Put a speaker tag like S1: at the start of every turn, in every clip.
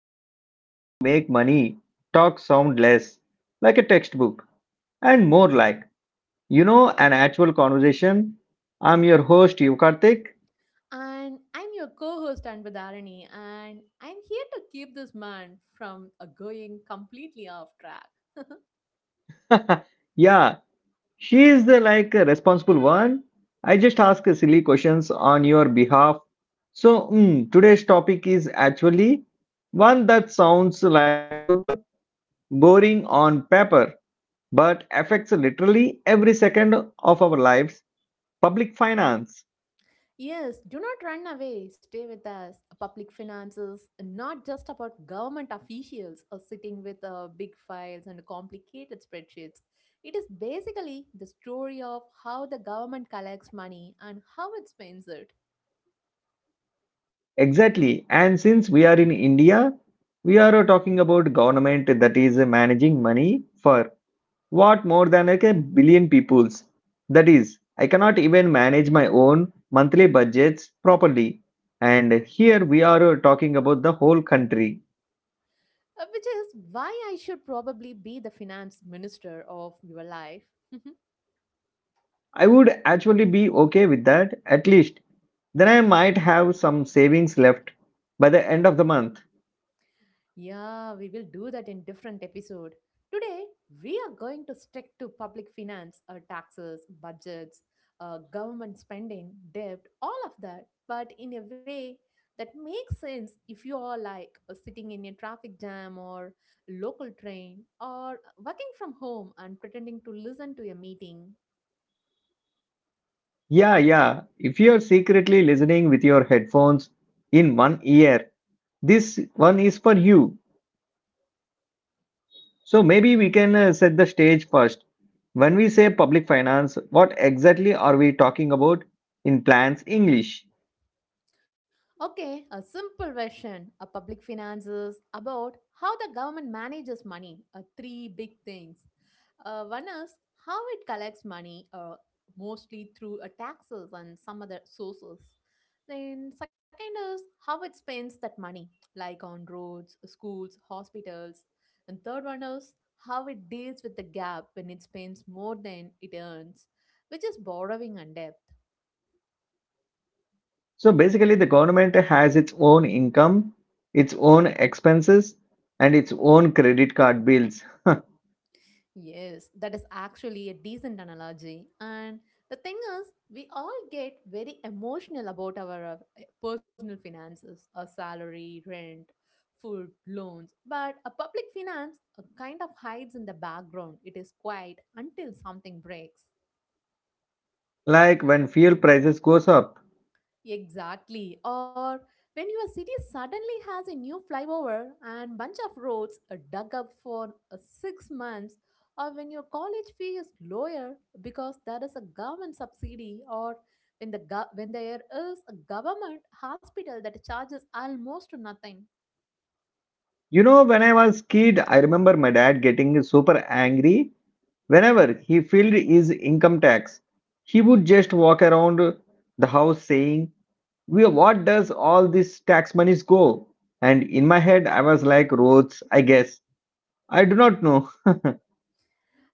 S1: where we try to make money talk sound less like a textbook and more like, an actual conversation. I'm your host, Yukartik.
S2: And I'm your co host, Anbadharani, and I'm here to keep this man from going completely off track.
S1: Yeah, she is the like responsible one. I just ask silly questions on your behalf. So, today's topic is actually one that sounds like super boring on paper but affects literally every second of our lives public finance
S2: Yes, do not run away. Stay with us. Public finances, not just about government officials or sitting with big files and complicated spreadsheets. It is basically the story of how the government collects money and how it spends it.
S1: exactly and since we are in india we are talking about government that is managing money for what more than like a billion peoples that is I cannot even manage my own monthly budgets properly and here we are talking about the whole country
S2: Which is why I should probably be the finance minister of your life.
S1: I would actually be okay with that at least then I might have some savings left by the end of the month.
S2: Yeah, we will do that in different episode. Today, we are going to stick to public finance, taxes, budgets, government spending, debt, all of that, but in a way that makes sense if you are like sitting in a traffic jam or local train or working from home and pretending to listen to a meeting.
S1: Yeah, yeah. If you're secretly listening with your headphones in one ear, this one is for you. So maybe we can set the stage first. When we say public finance, what exactly are we talking about in plans English?
S2: Okay, a simple version of public finances about how the government manages money. Three big things. One is how it collects money, mostly through taxes and some other sources. Then, second is how it spends that money, like on roads, schools, hospitals. And third one is how it deals with the gap when it spends more than it earns, which is borrowing and debt.
S1: So basically, the government has its own income, its own expenses, and its own credit card bills.
S2: Yes, that is actually a decent analogy. And the thing is, we all get very emotional about our personal finances, our salary, rent, food, loans. But a public finance kind of hides in the background. It is quiet until something breaks.
S1: Like when fuel prices goes up.
S2: Exactly. Or when your city suddenly has a new flyover and bunch of roads dug up for 6 months, or when your college fee is lower because there is a government subsidy, or when the gov when there is a government hospital that charges almost nothing.
S1: You know, when I was kid, I remember my dad getting super angry. Whenever he filled his income tax, he would just walk around the house saying, "Where what does all this tax monies go? And in my head, I was like, Roads, I guess. I do not know."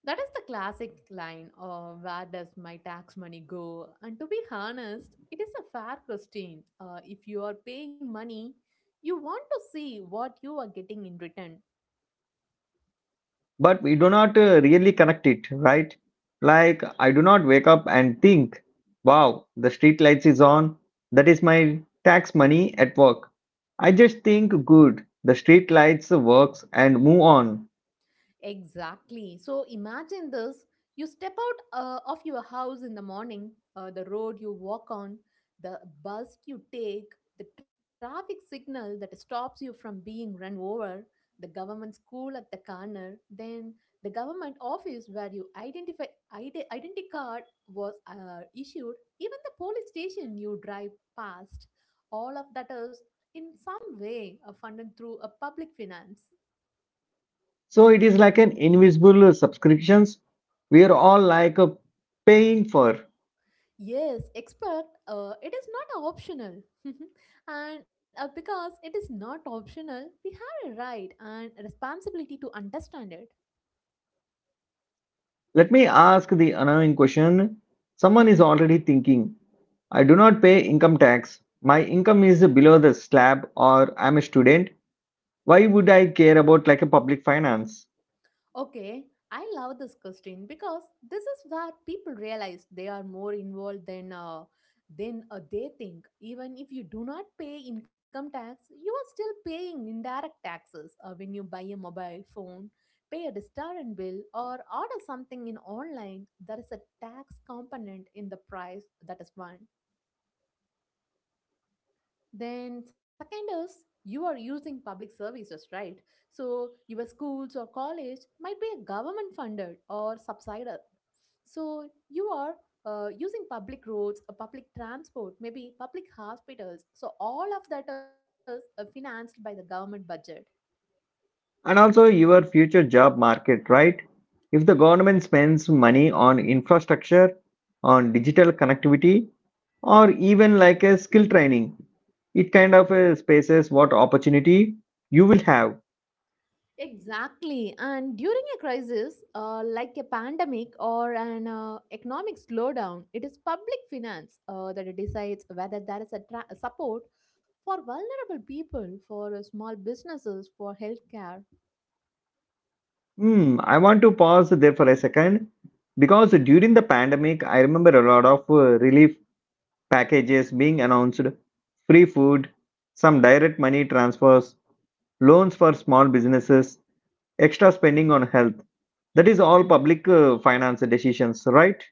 S2: That is the classic line of where does my tax money go? And to be honest, it is a fair question. If you are paying money, you want to see what you are getting in return.
S1: But we do not really connect it, right? Like, I do not wake up and think, Wow, the street lights is on. That is my tax money at work. I just think, Good, the street lights works and move on.
S2: Exactly. So imagine this, you step out of your house in the morning, the road you walk on, the bus you take, the traffic signal that stops you from being run over, the government school at the corner, then the government office where your identify ID, identity card was issued, even the police station you drive past. All of that is in some way funded through a public finance.
S1: So it is like an invisible subscriptions we are all like paying for.
S2: Yes, expert, it is not optional. And because it is not optional, we have a right and a responsibility to understand it.
S1: Let me ask the annoying question. Someone is already thinking, I do not pay income tax. My income is below the slab or I'm a student. Why would I care about like a public finance?
S2: Okay, I love this question because this is where people realize they are more involved than they think. Even if you do not pay income tax, you are still paying indirect taxes when you buy a mobile phone, pay a restaurant bill, or order something in online. There is a tax component in the price, that is one. Then, second is you are using public services, right? So, your schools or college might be government funded or subsidized. So, you are using public roads, public transport, maybe public hospitals. So, all of that is financed by the government budget.
S1: And also your future job market, right? If the government spends money on infrastructure, on digital connectivity, or even like a skill training. It kind of spaces what opportunity you will have.
S2: Exactly. And during a crisis, like a pandemic or an economic slowdown, it is public finance that decides whether there is a support for vulnerable people, for small businesses, for healthcare.
S1: Hmm, I want to pause there for a second because during the pandemic, I remember a lot of relief packages being announced free food, some direct money transfers, loans for small businesses, extra spending on health. That is all public finance decisions, right?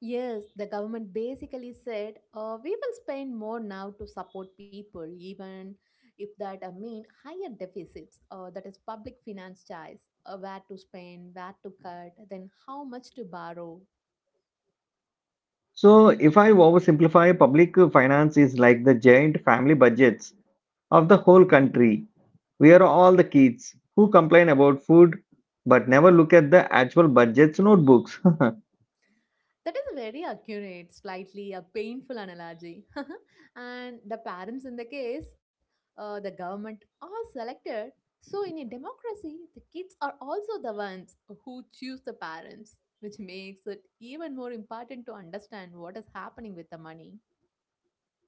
S2: Yes, the government basically said, we will spend more now to support people, even if that mean higher deficits. That is public finance choice, where to spend, where to cut, then how much to borrow.
S1: So, if I oversimplify, public finance is like the giant family budgets of the whole country. We are all the kids who complain about food but never look at the actual budgets notebooks.
S2: That is a very accurate, slightly a painful analogy. And the parents in the case, the government, are selected. So in a democracy, the kids are also the ones who choose the parents, which makes it even more important to understand what is happening with the money.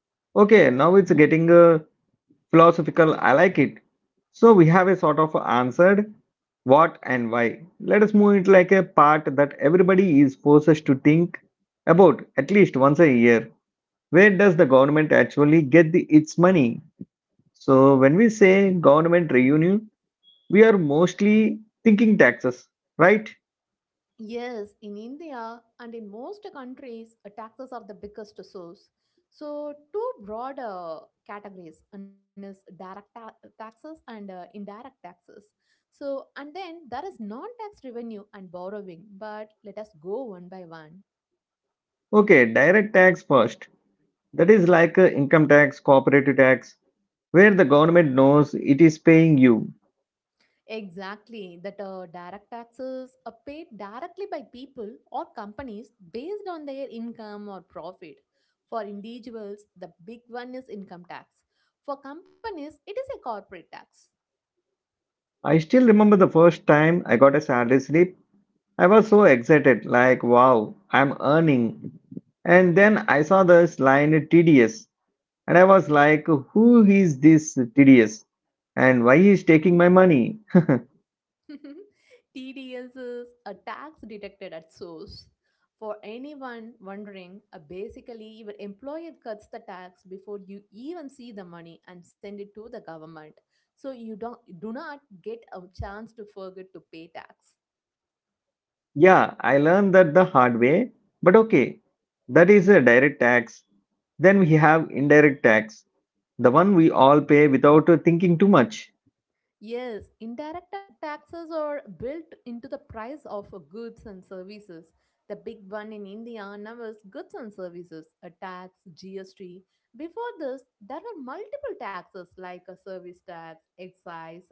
S1: Okay, now it's getting philosophical. I like it. So we have a sort of answered what and why. Let us move it like a part that everybody is forced to think about at least once a year. Where does the government actually get its money? So when we say government revenue, we are mostly thinking taxes, right?
S2: Yes, in India and in most countries, taxes are the biggest source. So, two broad categories, one is direct taxes and indirect taxes. So, and then there is non-tax revenue and borrowing. But let us go one by one.
S1: Okay, direct tax first. That is like income tax, corporate tax, where the government knows it is paying you.
S2: Exactly, that direct taxes are paid directly by people or companies based on their income or profit. For individuals, the big one is income tax. For companies, it is a corporate tax.
S1: I still remember the first time I got a salary slip. I was so excited, like, wow, I'm earning. And then I saw this line TDS, and I was like, who is this TDS? And why is taking my money?
S2: TDS is a tax detected at source. For anyone wondering, basically your employer cuts the tax before you even see the money and send it to the government. So you don't do not get a chance to forget to pay tax.
S1: Yeah, I learned that the hard way, but okay, that is a direct tax. Then we have indirect tax, the one we all pay without thinking too much.
S2: Yes, indirect taxes are built into the price of goods and services. The big one in India now is goods and services, a tax, GST. Before this, there were multiple taxes like a service tax, excise,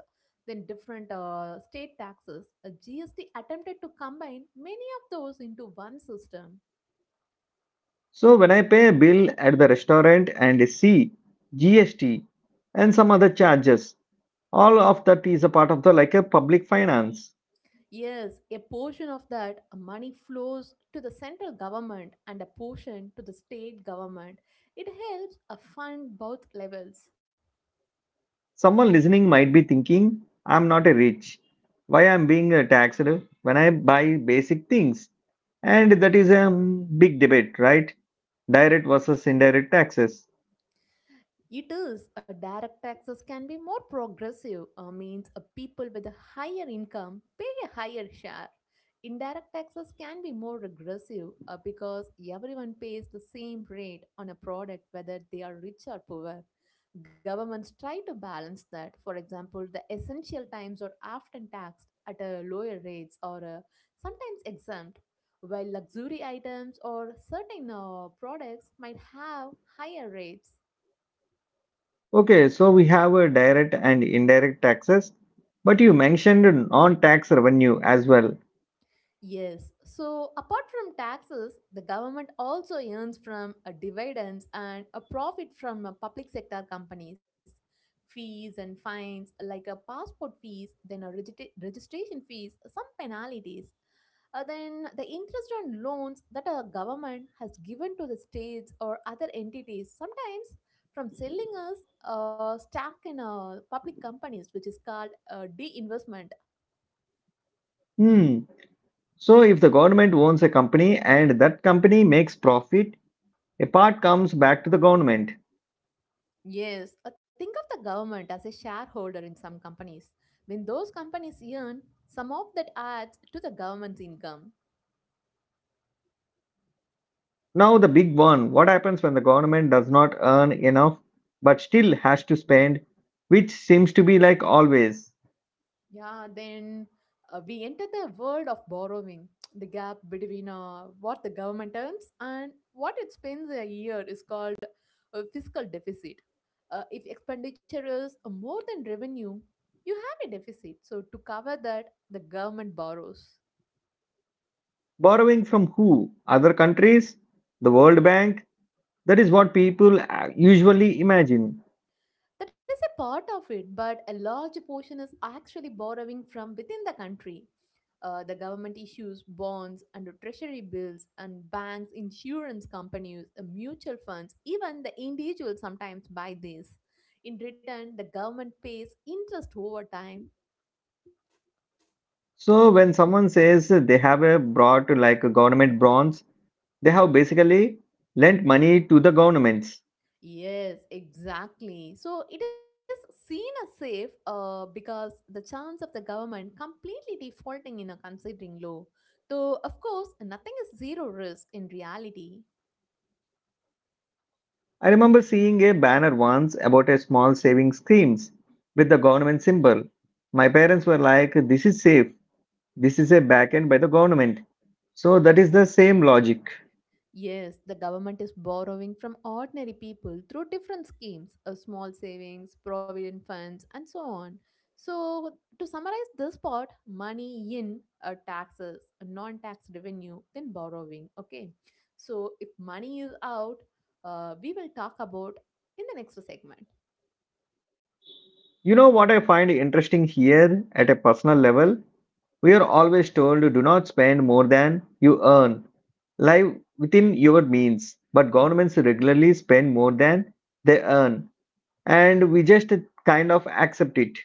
S2: then different state taxes. A GST attempted to combine many of those into one system.
S1: So when I pay a bill at the restaurant and see GST and some other charges, all of that is a part of the like a public finance.
S2: Yes, a portion of that money flows to the central government and a portion to the state government. It helps fund both levels.
S1: Someone listening might be thinking, I'm not a rich. Why I'm being taxed when I buy basic things? And that is a big debate, right? Direct versus indirect taxes.
S2: It is a direct taxes can be more progressive, means people with a higher income pay a higher share. Indirect taxes can be more regressive because everyone pays the same rate on a product whether they are rich or poor. Governments try to balance that. For example, the essential times are often taxed at a lower rates or sometimes exempt, while luxury items or certain products might have higher rates.
S1: Okay, so we have direct and indirect taxes, but you mentioned non-tax revenue as well.
S2: Yes. So, apart from taxes, the government also earns from a dividends and a profit from public sector companies. Fees and fines, like a passport fees, then a registration fees, some penalties. Then the interest on loans that a government has given to the states or other entities, sometimes from selling us stock in public companies, which is called de.
S1: Hmm. So if the government owns a company and that company makes profit, a part comes back to the government.
S2: Yes, think of the government as a shareholder in some companies. When those companies earn, some of that adds to the government's income.
S1: Now, the big one what happens when the government does not earn enough but still has to spend, which seems to be like always?
S2: Yeah, then we enter the world of borrowing. The gap between what the government earns and what it spends a year is called a fiscal deficit. If expenditure is more than revenue, you have a deficit. So, to cover that, the government borrows.
S1: Borrowing from who? Other countries? The World Bank? That is what people usually imagine.
S2: That is a part of it, but a large portion is actually borrowing from within the country. The government issues bonds and treasury bills, and banks, insurance companies, mutual funds, even the individual sometimes buy these. In return, the government pays interest over time.
S1: So, when someone says they have a brought like a government bonds, they have basically lent money to the governments.
S2: Yes, exactly. So it is seen as safe because the chance of the government completely defaulting in a considering low. Though, of course, nothing is zero risk in reality.
S1: I remember seeing a banner once about a small savings schemes with the government symbol. My parents were like, This is safe. This is a backend by the government. So that is the same logic.
S2: Yes, the government is borrowing from ordinary people through different schemes, small savings, provident funds, and so on. So, to summarize this part, money in taxes, non tax revenue, then borrowing. Okay, so if money is out, we will talk about in the next segment.
S1: You know what I find interesting here at a personal level? We are always told do not spend more than you earn. Live within your means. But governments regularly spend more than they earn. And we just kind of accept it.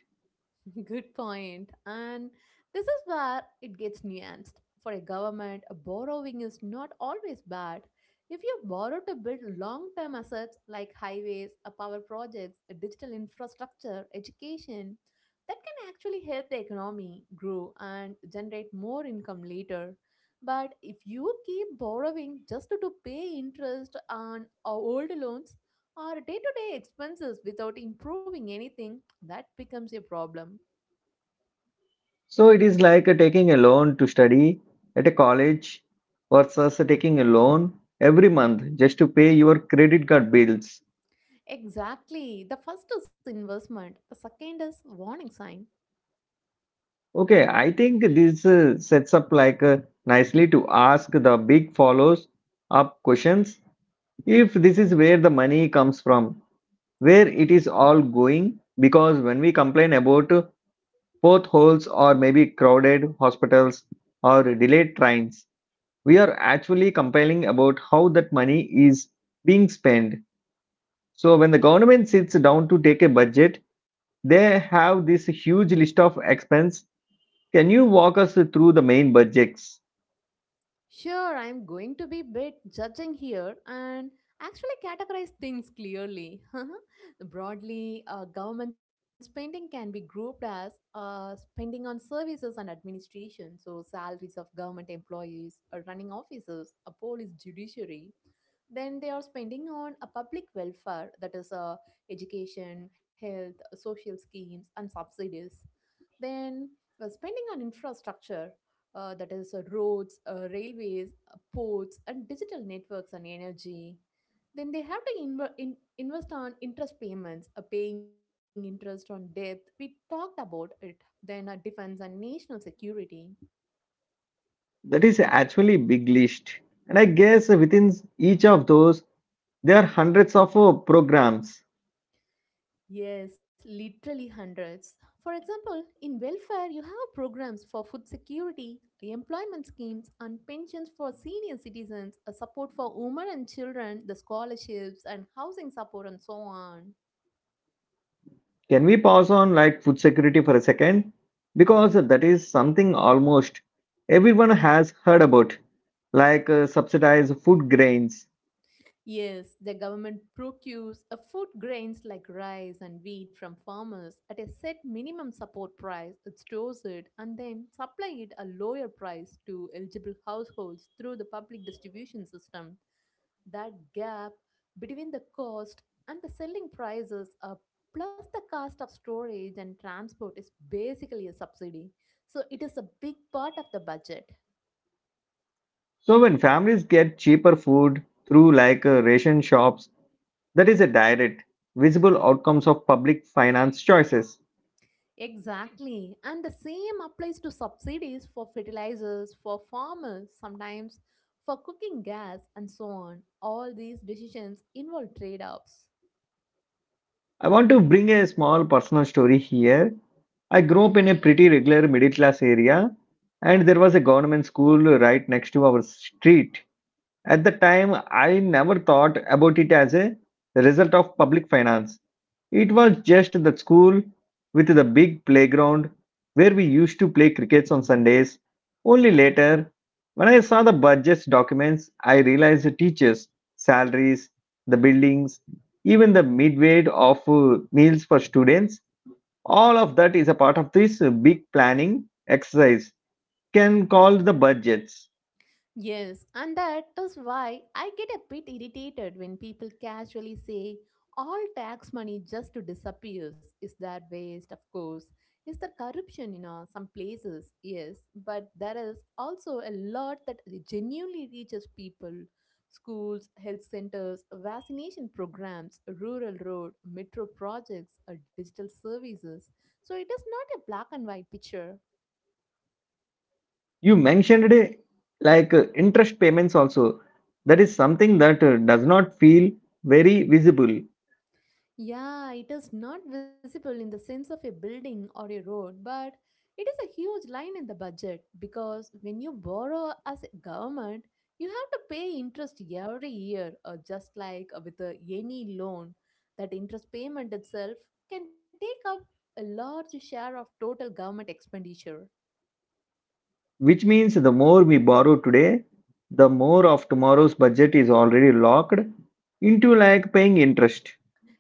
S2: Good point. And this is where it gets nuanced. For a government, a borrowing is not always bad. If you borrow to build long term assets like highways, power projects, digital infrastructure, education, that can actually help the economy grow and generate more income later. But if you keep borrowing just to pay interest on old loans or day to day expenses without improving anything, that becomes a problem.
S1: So it is like taking a loan to study at a college versus taking a loan every month just to pay your credit card bills.
S2: Exactly. The first is investment, the second is warning sign.
S1: Okay, I think this sets up like nicely to ask the big follows up questions. If this is where the money comes from, where it is all going, because when we complain about potholes or maybe crowded hospitals or delayed trains, we are actually complaining about how that money is being spent. So when the government sits down to take a budget, they have this huge list of expense. Can you walk us through the main budgets?
S2: Sure, I'm going to be bit judging here and actually categorize things clearly. Broadly, government spending can be grouped as spending on services and administration, so salaries of government employees, running offices, a police judiciary. Then they are spending on a public welfare, that is education, health, social schemes, and subsidies. Then spending on infrastructure, that is roads, railways, ports, and digital networks and energy. Then they have to invest on interest payments, paying interest on debt. We talked about it. Then defense and national security.
S1: That is actually a big list. And I guess within each of those, there are hundreds of programs.
S2: Yes, literally hundreds. For example, in welfare, you have programs for food security, employment schemes, and pensions for senior citizens, a support for women and children, the scholarships, and housing support, and so on.
S1: Can we pause on like food security for a second? Because that is something almost everyone has heard about, like subsidized food grains.
S2: Yes, the government procures a food grains like rice and wheat from farmers at a set minimum support price. It stores it and then supply it a lower price to eligible households through the public distribution system. That gap between the cost and the selling prices plus the cost of storage and transport is basically a subsidy. So it is a big part of the budget.
S1: So when families get cheaper food through like ration shops, that is a direct, visible outcomes of public finance choices.
S2: Exactly. And the same applies to subsidies for fertilizers, for farmers, sometimes for cooking gas, and so on. All these decisions involve trade offs.
S1: I want to bring a small personal story here. I grew up in a pretty regular middle class area, and there was a government school right next to our street. At the time, I never thought about it as a result of public finance. It was just the school with the big playground where we used to play crickets on Sundays. Only later, when I saw the budget documents, I realized the teachers' salaries, the buildings, even the midway of meals for students all of that is a part of this big planning exercise, can call the budgets.
S2: Yes, and that is why I get a bit irritated when people casually say all tax money just disappears. Is there waste? Of course. Is there corruption in some places? Yes, but there is also a lot that genuinely reaches people. Schools, health centers, vaccination programs, rural road, metro projects, or digital services. So it is not a black and white picture.
S1: You mentioned like interest payments also. That is something that does not feel very visible,
S2: Yeah, it is not visible in the sense of a building or a road, but it is a huge line in the budget because when you borrow as a government, you have to pay interest every year, or just like with a, any loan. That interest payment itself can take up a large share of total government expenditure.
S1: which means the more we borrow today, the more of tomorrow's budget is already locked into like paying interest.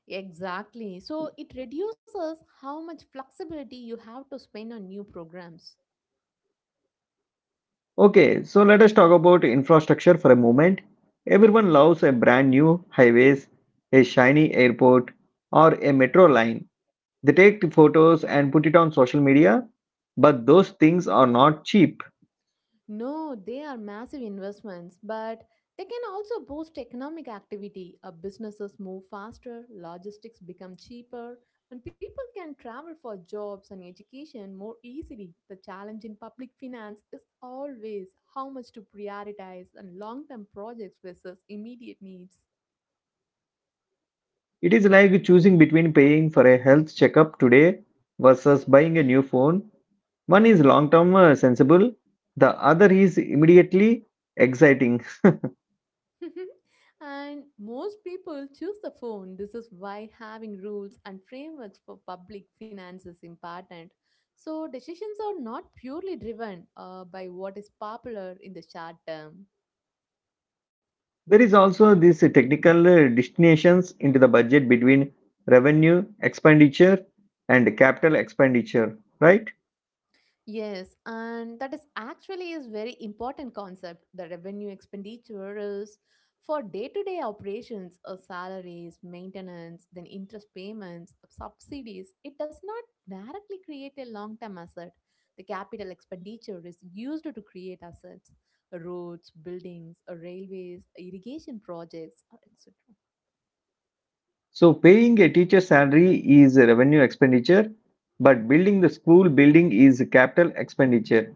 S2: Exactly. So it reduces how much flexibility you have to spend on new programs.
S1: Okay, so let us talk about infrastructure for a moment. Everyone loves a brand new highways, a shiny airport, or a metro line. They take the photos and put it on social media, but those things are not cheap.
S2: No, they are massive investments, but they can also boost economic activity. Businesses move faster, logistics become cheaper, and people can travel for jobs and education more easily. The challenge in public finance is always how much to prioritize and long term projects versus immediate needs.
S1: It is like choosing between paying for a health checkup today versus buying a new phone. One is long term sensible, the other is immediately exciting.
S2: and most people choose the phone. This is why having rules and frameworks for public finance is important. So, decisions are not purely driven by what is popular in the short term.
S1: There is also this technical destinations into the budget between revenue expenditure and capital expenditure, right?
S2: Yes, and that is actually is very important concept. The revenue expenditure is for day-to-day operations, salaries, maintenance, then interest payments, subsidies. It does not directly create a long-term asset. The capital expenditure is used to create assets, roads, buildings, railways, irrigation projects, etc.
S1: So paying a teacher salary is a revenue expenditure, but building the school building is a capital expenditure.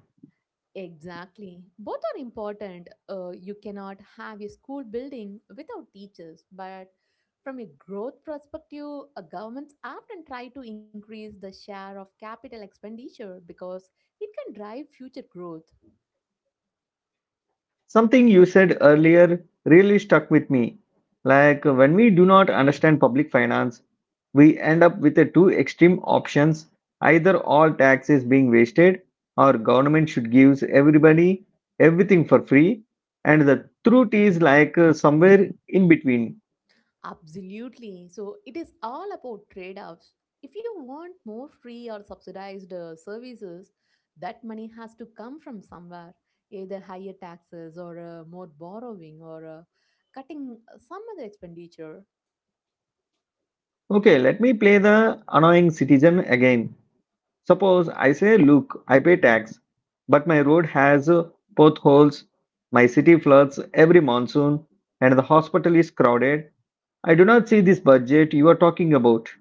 S2: Exactly. Both are important. You cannot have a school building without teachers, but from a growth perspective, governments often try to increase the share of capital expenditure because it can drive future growth.
S1: Something you said earlier really stuck with me. Like when we do not understand public finance, we end up with the two extreme options, either all tax is being wasted or government should give everybody everything for free and the truth is like somewhere in between.
S2: Absolutely. So it is all about trade offs. If you want more free or subsidized services, that money has to come from somewhere, either higher taxes or more borrowing or cutting some other expenditure.
S1: Okay, let me play the annoying citizen again. Suppose I say, look, I pay tax, but my road has potholes, my city floods every monsoon, and the hospital is crowded. I do not see this budget you are talking about.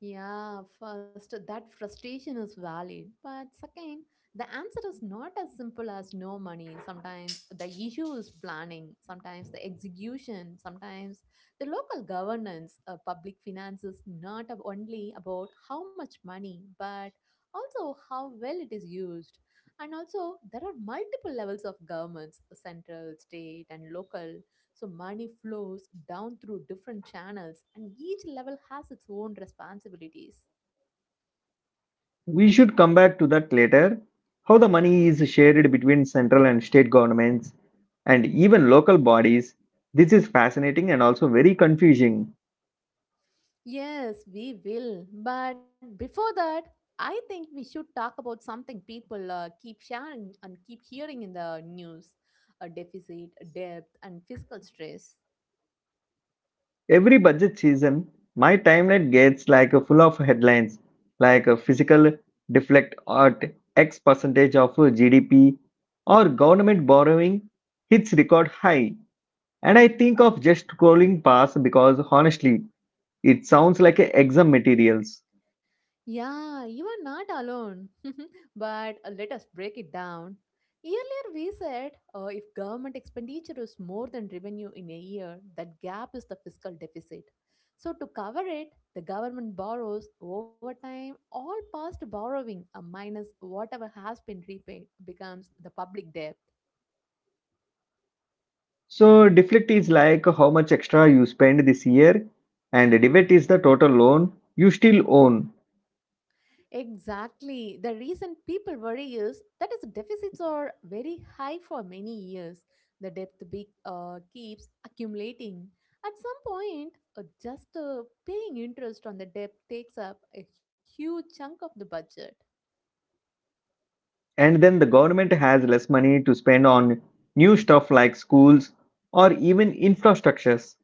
S2: Yeah, first, that frustration is valid. But second, the answer is not as simple as no money. Sometimes the issue is planning, sometimes the execution, sometimes the local governance. Public finance is not only about how much money, but also how well it is used. And also, there are multiple levels of governments central, state, and local. So money flows down through different channels, and each level has its own responsibilities.
S1: We should come back to that later. How the money is shared between central and state governments and even local bodies. This is fascinating and also very confusing.
S2: Yes, we will. But before that, I think we should talk about something people keep sharing and keep hearing in the news a deficit, debt, and fiscal stress.
S1: Every budget season, my timeline gets like a full of headlines like a physical deflect at X percentage of GDP or government borrowing hits record high. And I think of just scrolling past because honestly, it sounds like a exam materials.
S2: Yeah, you are not alone. but let us break it down. Earlier, we said if government expenditure is more than revenue in a year, that gap is the fiscal deficit. So, to cover it, the government borrows over time, all past borrowing minus whatever has been repaid becomes the public debt.
S1: So deflect is like how much extra you spend this year and debit is the total loan you still own.
S2: Exactly. The reason people worry is that its deficits are very high for many years. The debt keeps accumulating. At some point, just paying interest on the debt takes up a huge chunk of the budget.
S1: And then the government has less money to spend on new stuff like schools or even infrastructures.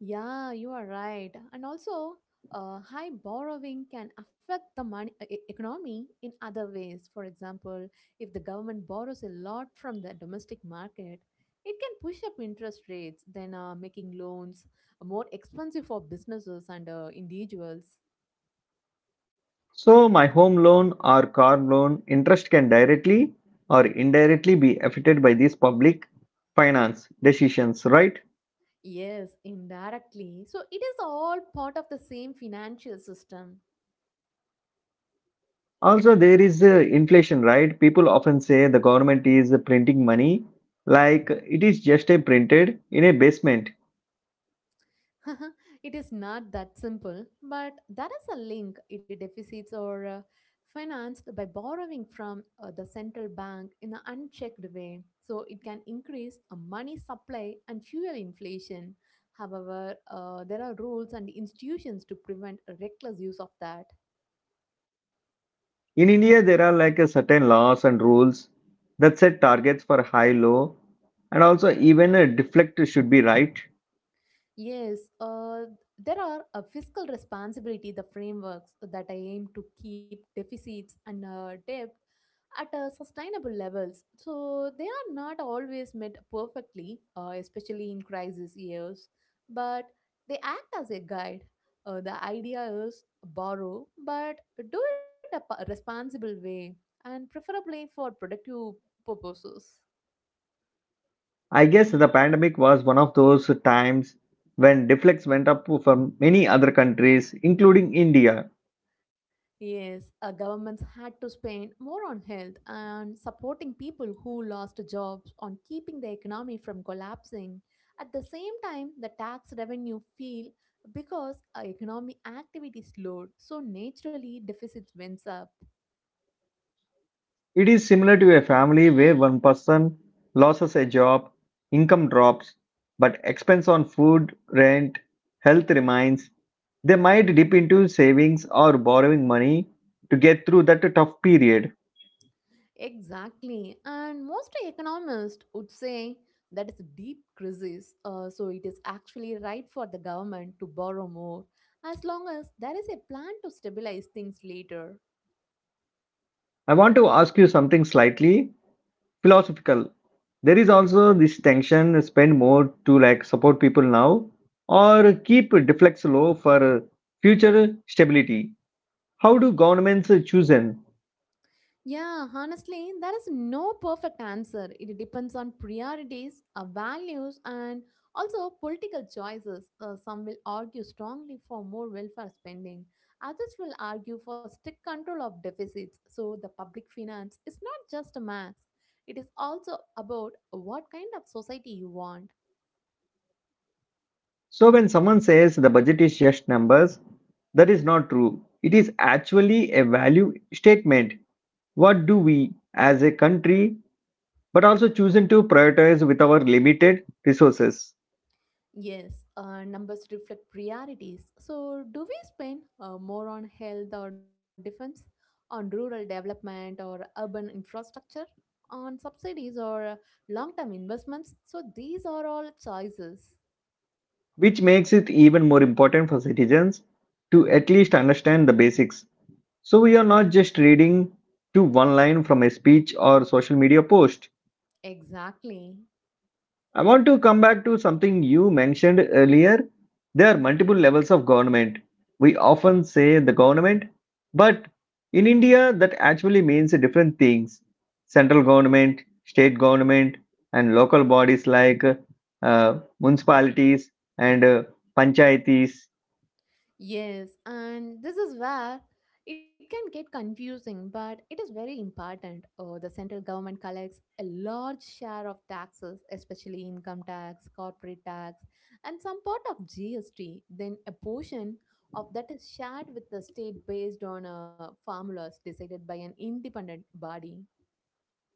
S2: Yeah, you are right. And also, high borrowing can affect the economy in other ways. For example, if the government borrows a lot from the domestic market, it can push up interest rates, then making loans more expensive for businesses and individuals.
S1: So, my home loan or car loan interest can directly or indirectly be affected by these public finance decisions, right?
S2: Yes, indirectly. So it is all part of the same financial system.
S1: Also, there is inflation, right? People often say.
S2: it is not that simple, but there is a link. It deficits are financed by borrowing from the central bank in an unchecked way, so it can increase a money supply and fuel inflation. However, there are rules and institutions to prevent a reckless use of that.
S1: In India, there are like a certain laws and rules that set targets for high, low, and also even a deflect should be right.
S2: Yes, there are a fiscal responsibility, the frameworks that aim to keep deficits and debt at sustainable levels. So they are not always met perfectly, especially in crisis years, but they act as a guide. The idea is borrow, but do it a responsible way and preferably for productive purposes.
S1: I guess the pandemic was one of those times when deflects went up for many other countries, including India.
S2: Yes, governments had to spend more on health and supporting people who lost jobs on keeping the economy from collapsing. At the same time, the tax revenue fell because economic activity slowed, so naturally deficits went up.
S1: It is similar to a family where one person loses a job, income drops, but expense on food, rent, health remains. They might dip into savings or borrowing money to get through that tough period.
S2: Exactly, and most economists would say that is a deep crisis. So it is actually right for the government to borrow more as long as there is a plan to stabilize things later.
S1: I want to ask you something slightly philosophical. There is also this tension spend more to like support people now or keep deflects low for future stability. How do governments choose in?
S2: Yeah, honestly, there is no perfect answer. It depends on priorities, values, and also political choices. Some will argue strongly for more welfare spending, others will argue for strict control of deficits. So, the public finance is not just a math, it is also about what kind of society you want.
S1: So when someone says the budget is just numbers, that is not true. It is actually a value statement. What do we as a country but also chosen to prioritize with our limited resources?
S2: Yes, numbers reflect priorities. So, do we spend more on health or defense, on rural development or urban infrastructure, on subsidies or long term investments? So, these are all choices.
S1: Which makes it even more important for citizens to at least understand the basics. So we are not just reading to one line from a speech or social media post.
S2: Exactly.
S1: I want to come back to something you mentioned earlier. There are multiple levels of government. We often say the government, but in India, that actually means different things central government, state government, and local bodies like uh, municipalities and panchayatis.
S2: Yes, and this is where it can get confusing, but it is very important. The central government collects a large share of taxes, especially income tax, corporate tax, and some part of GST. Then a portion of that is shared with the state based on formulas decided by an independent body.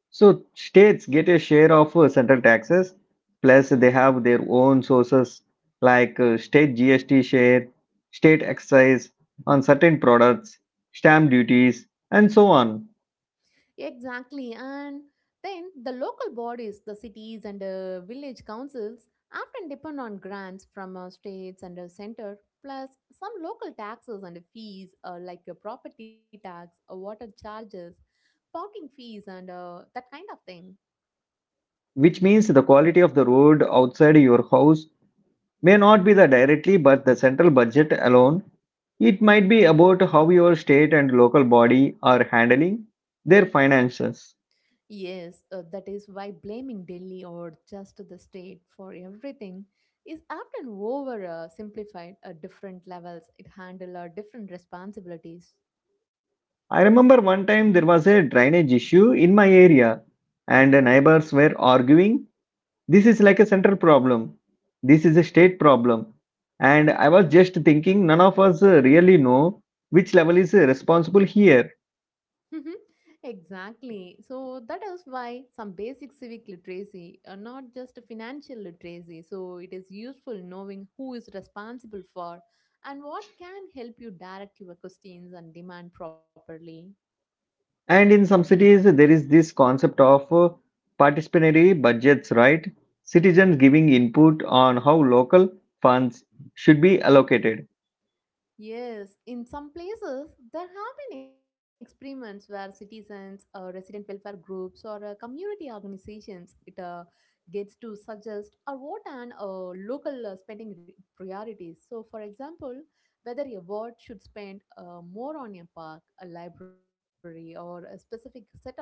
S1: So states get a share of central taxes, plus they have their own sources like state GST share, state excise on certain products, stamp duties, and so on.
S2: Exactly. And then the local bodies, the cities and village councils, often depend on grants from states and center, plus some local taxes and fees like your property tax, water charges, parking fees, and that kind of thing.
S1: Which means the quality of the road outside your house may not be the directly, but the central budget alone. It might be about how your state and local body are handling their finances.
S2: Yes, that is why blaming Delhi or just the state for everything is often over simplified at different levels. It handle different responsibilities.
S1: I remember one time there was a drainage issue in my area, and the neighbors were arguing, This is like a central problem, this is a state problem. And I was just thinking, none of us really know which level is responsible here.
S2: exactly. So that is why some basic civic literacy are not just financial literacy. So it is useful knowing who is responsible for and what can help you direct your questions and demand properly.
S1: And in some cities, there is this concept of participatory budgets, right? Citizens giving input on how local funds should be allocated.
S2: Yes, in some places, there have been experiments where citizens, resident welfare groups, or community organizations it gets to suggest or vote on local spending priorities. So, for example, whether a ward should spend more on a park, a library, or a specific set of roads.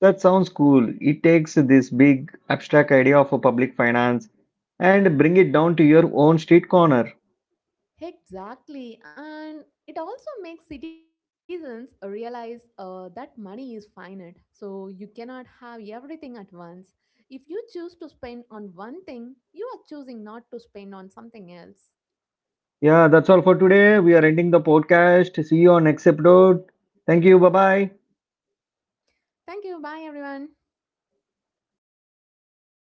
S1: That sounds cool. It takes this big abstract idea of a public finance and bring it down to your own street corner.
S2: Exactly. And it also makes citizens realize that money is finite. So you cannot have everything at once. If you choose to spend on one thing, you are choosing not to spend on something else.
S1: Yeah, that's all for today. We are ending the podcast. See you on next episode. Thank you. Bye bye.
S2: Thank you. Bye, everyone.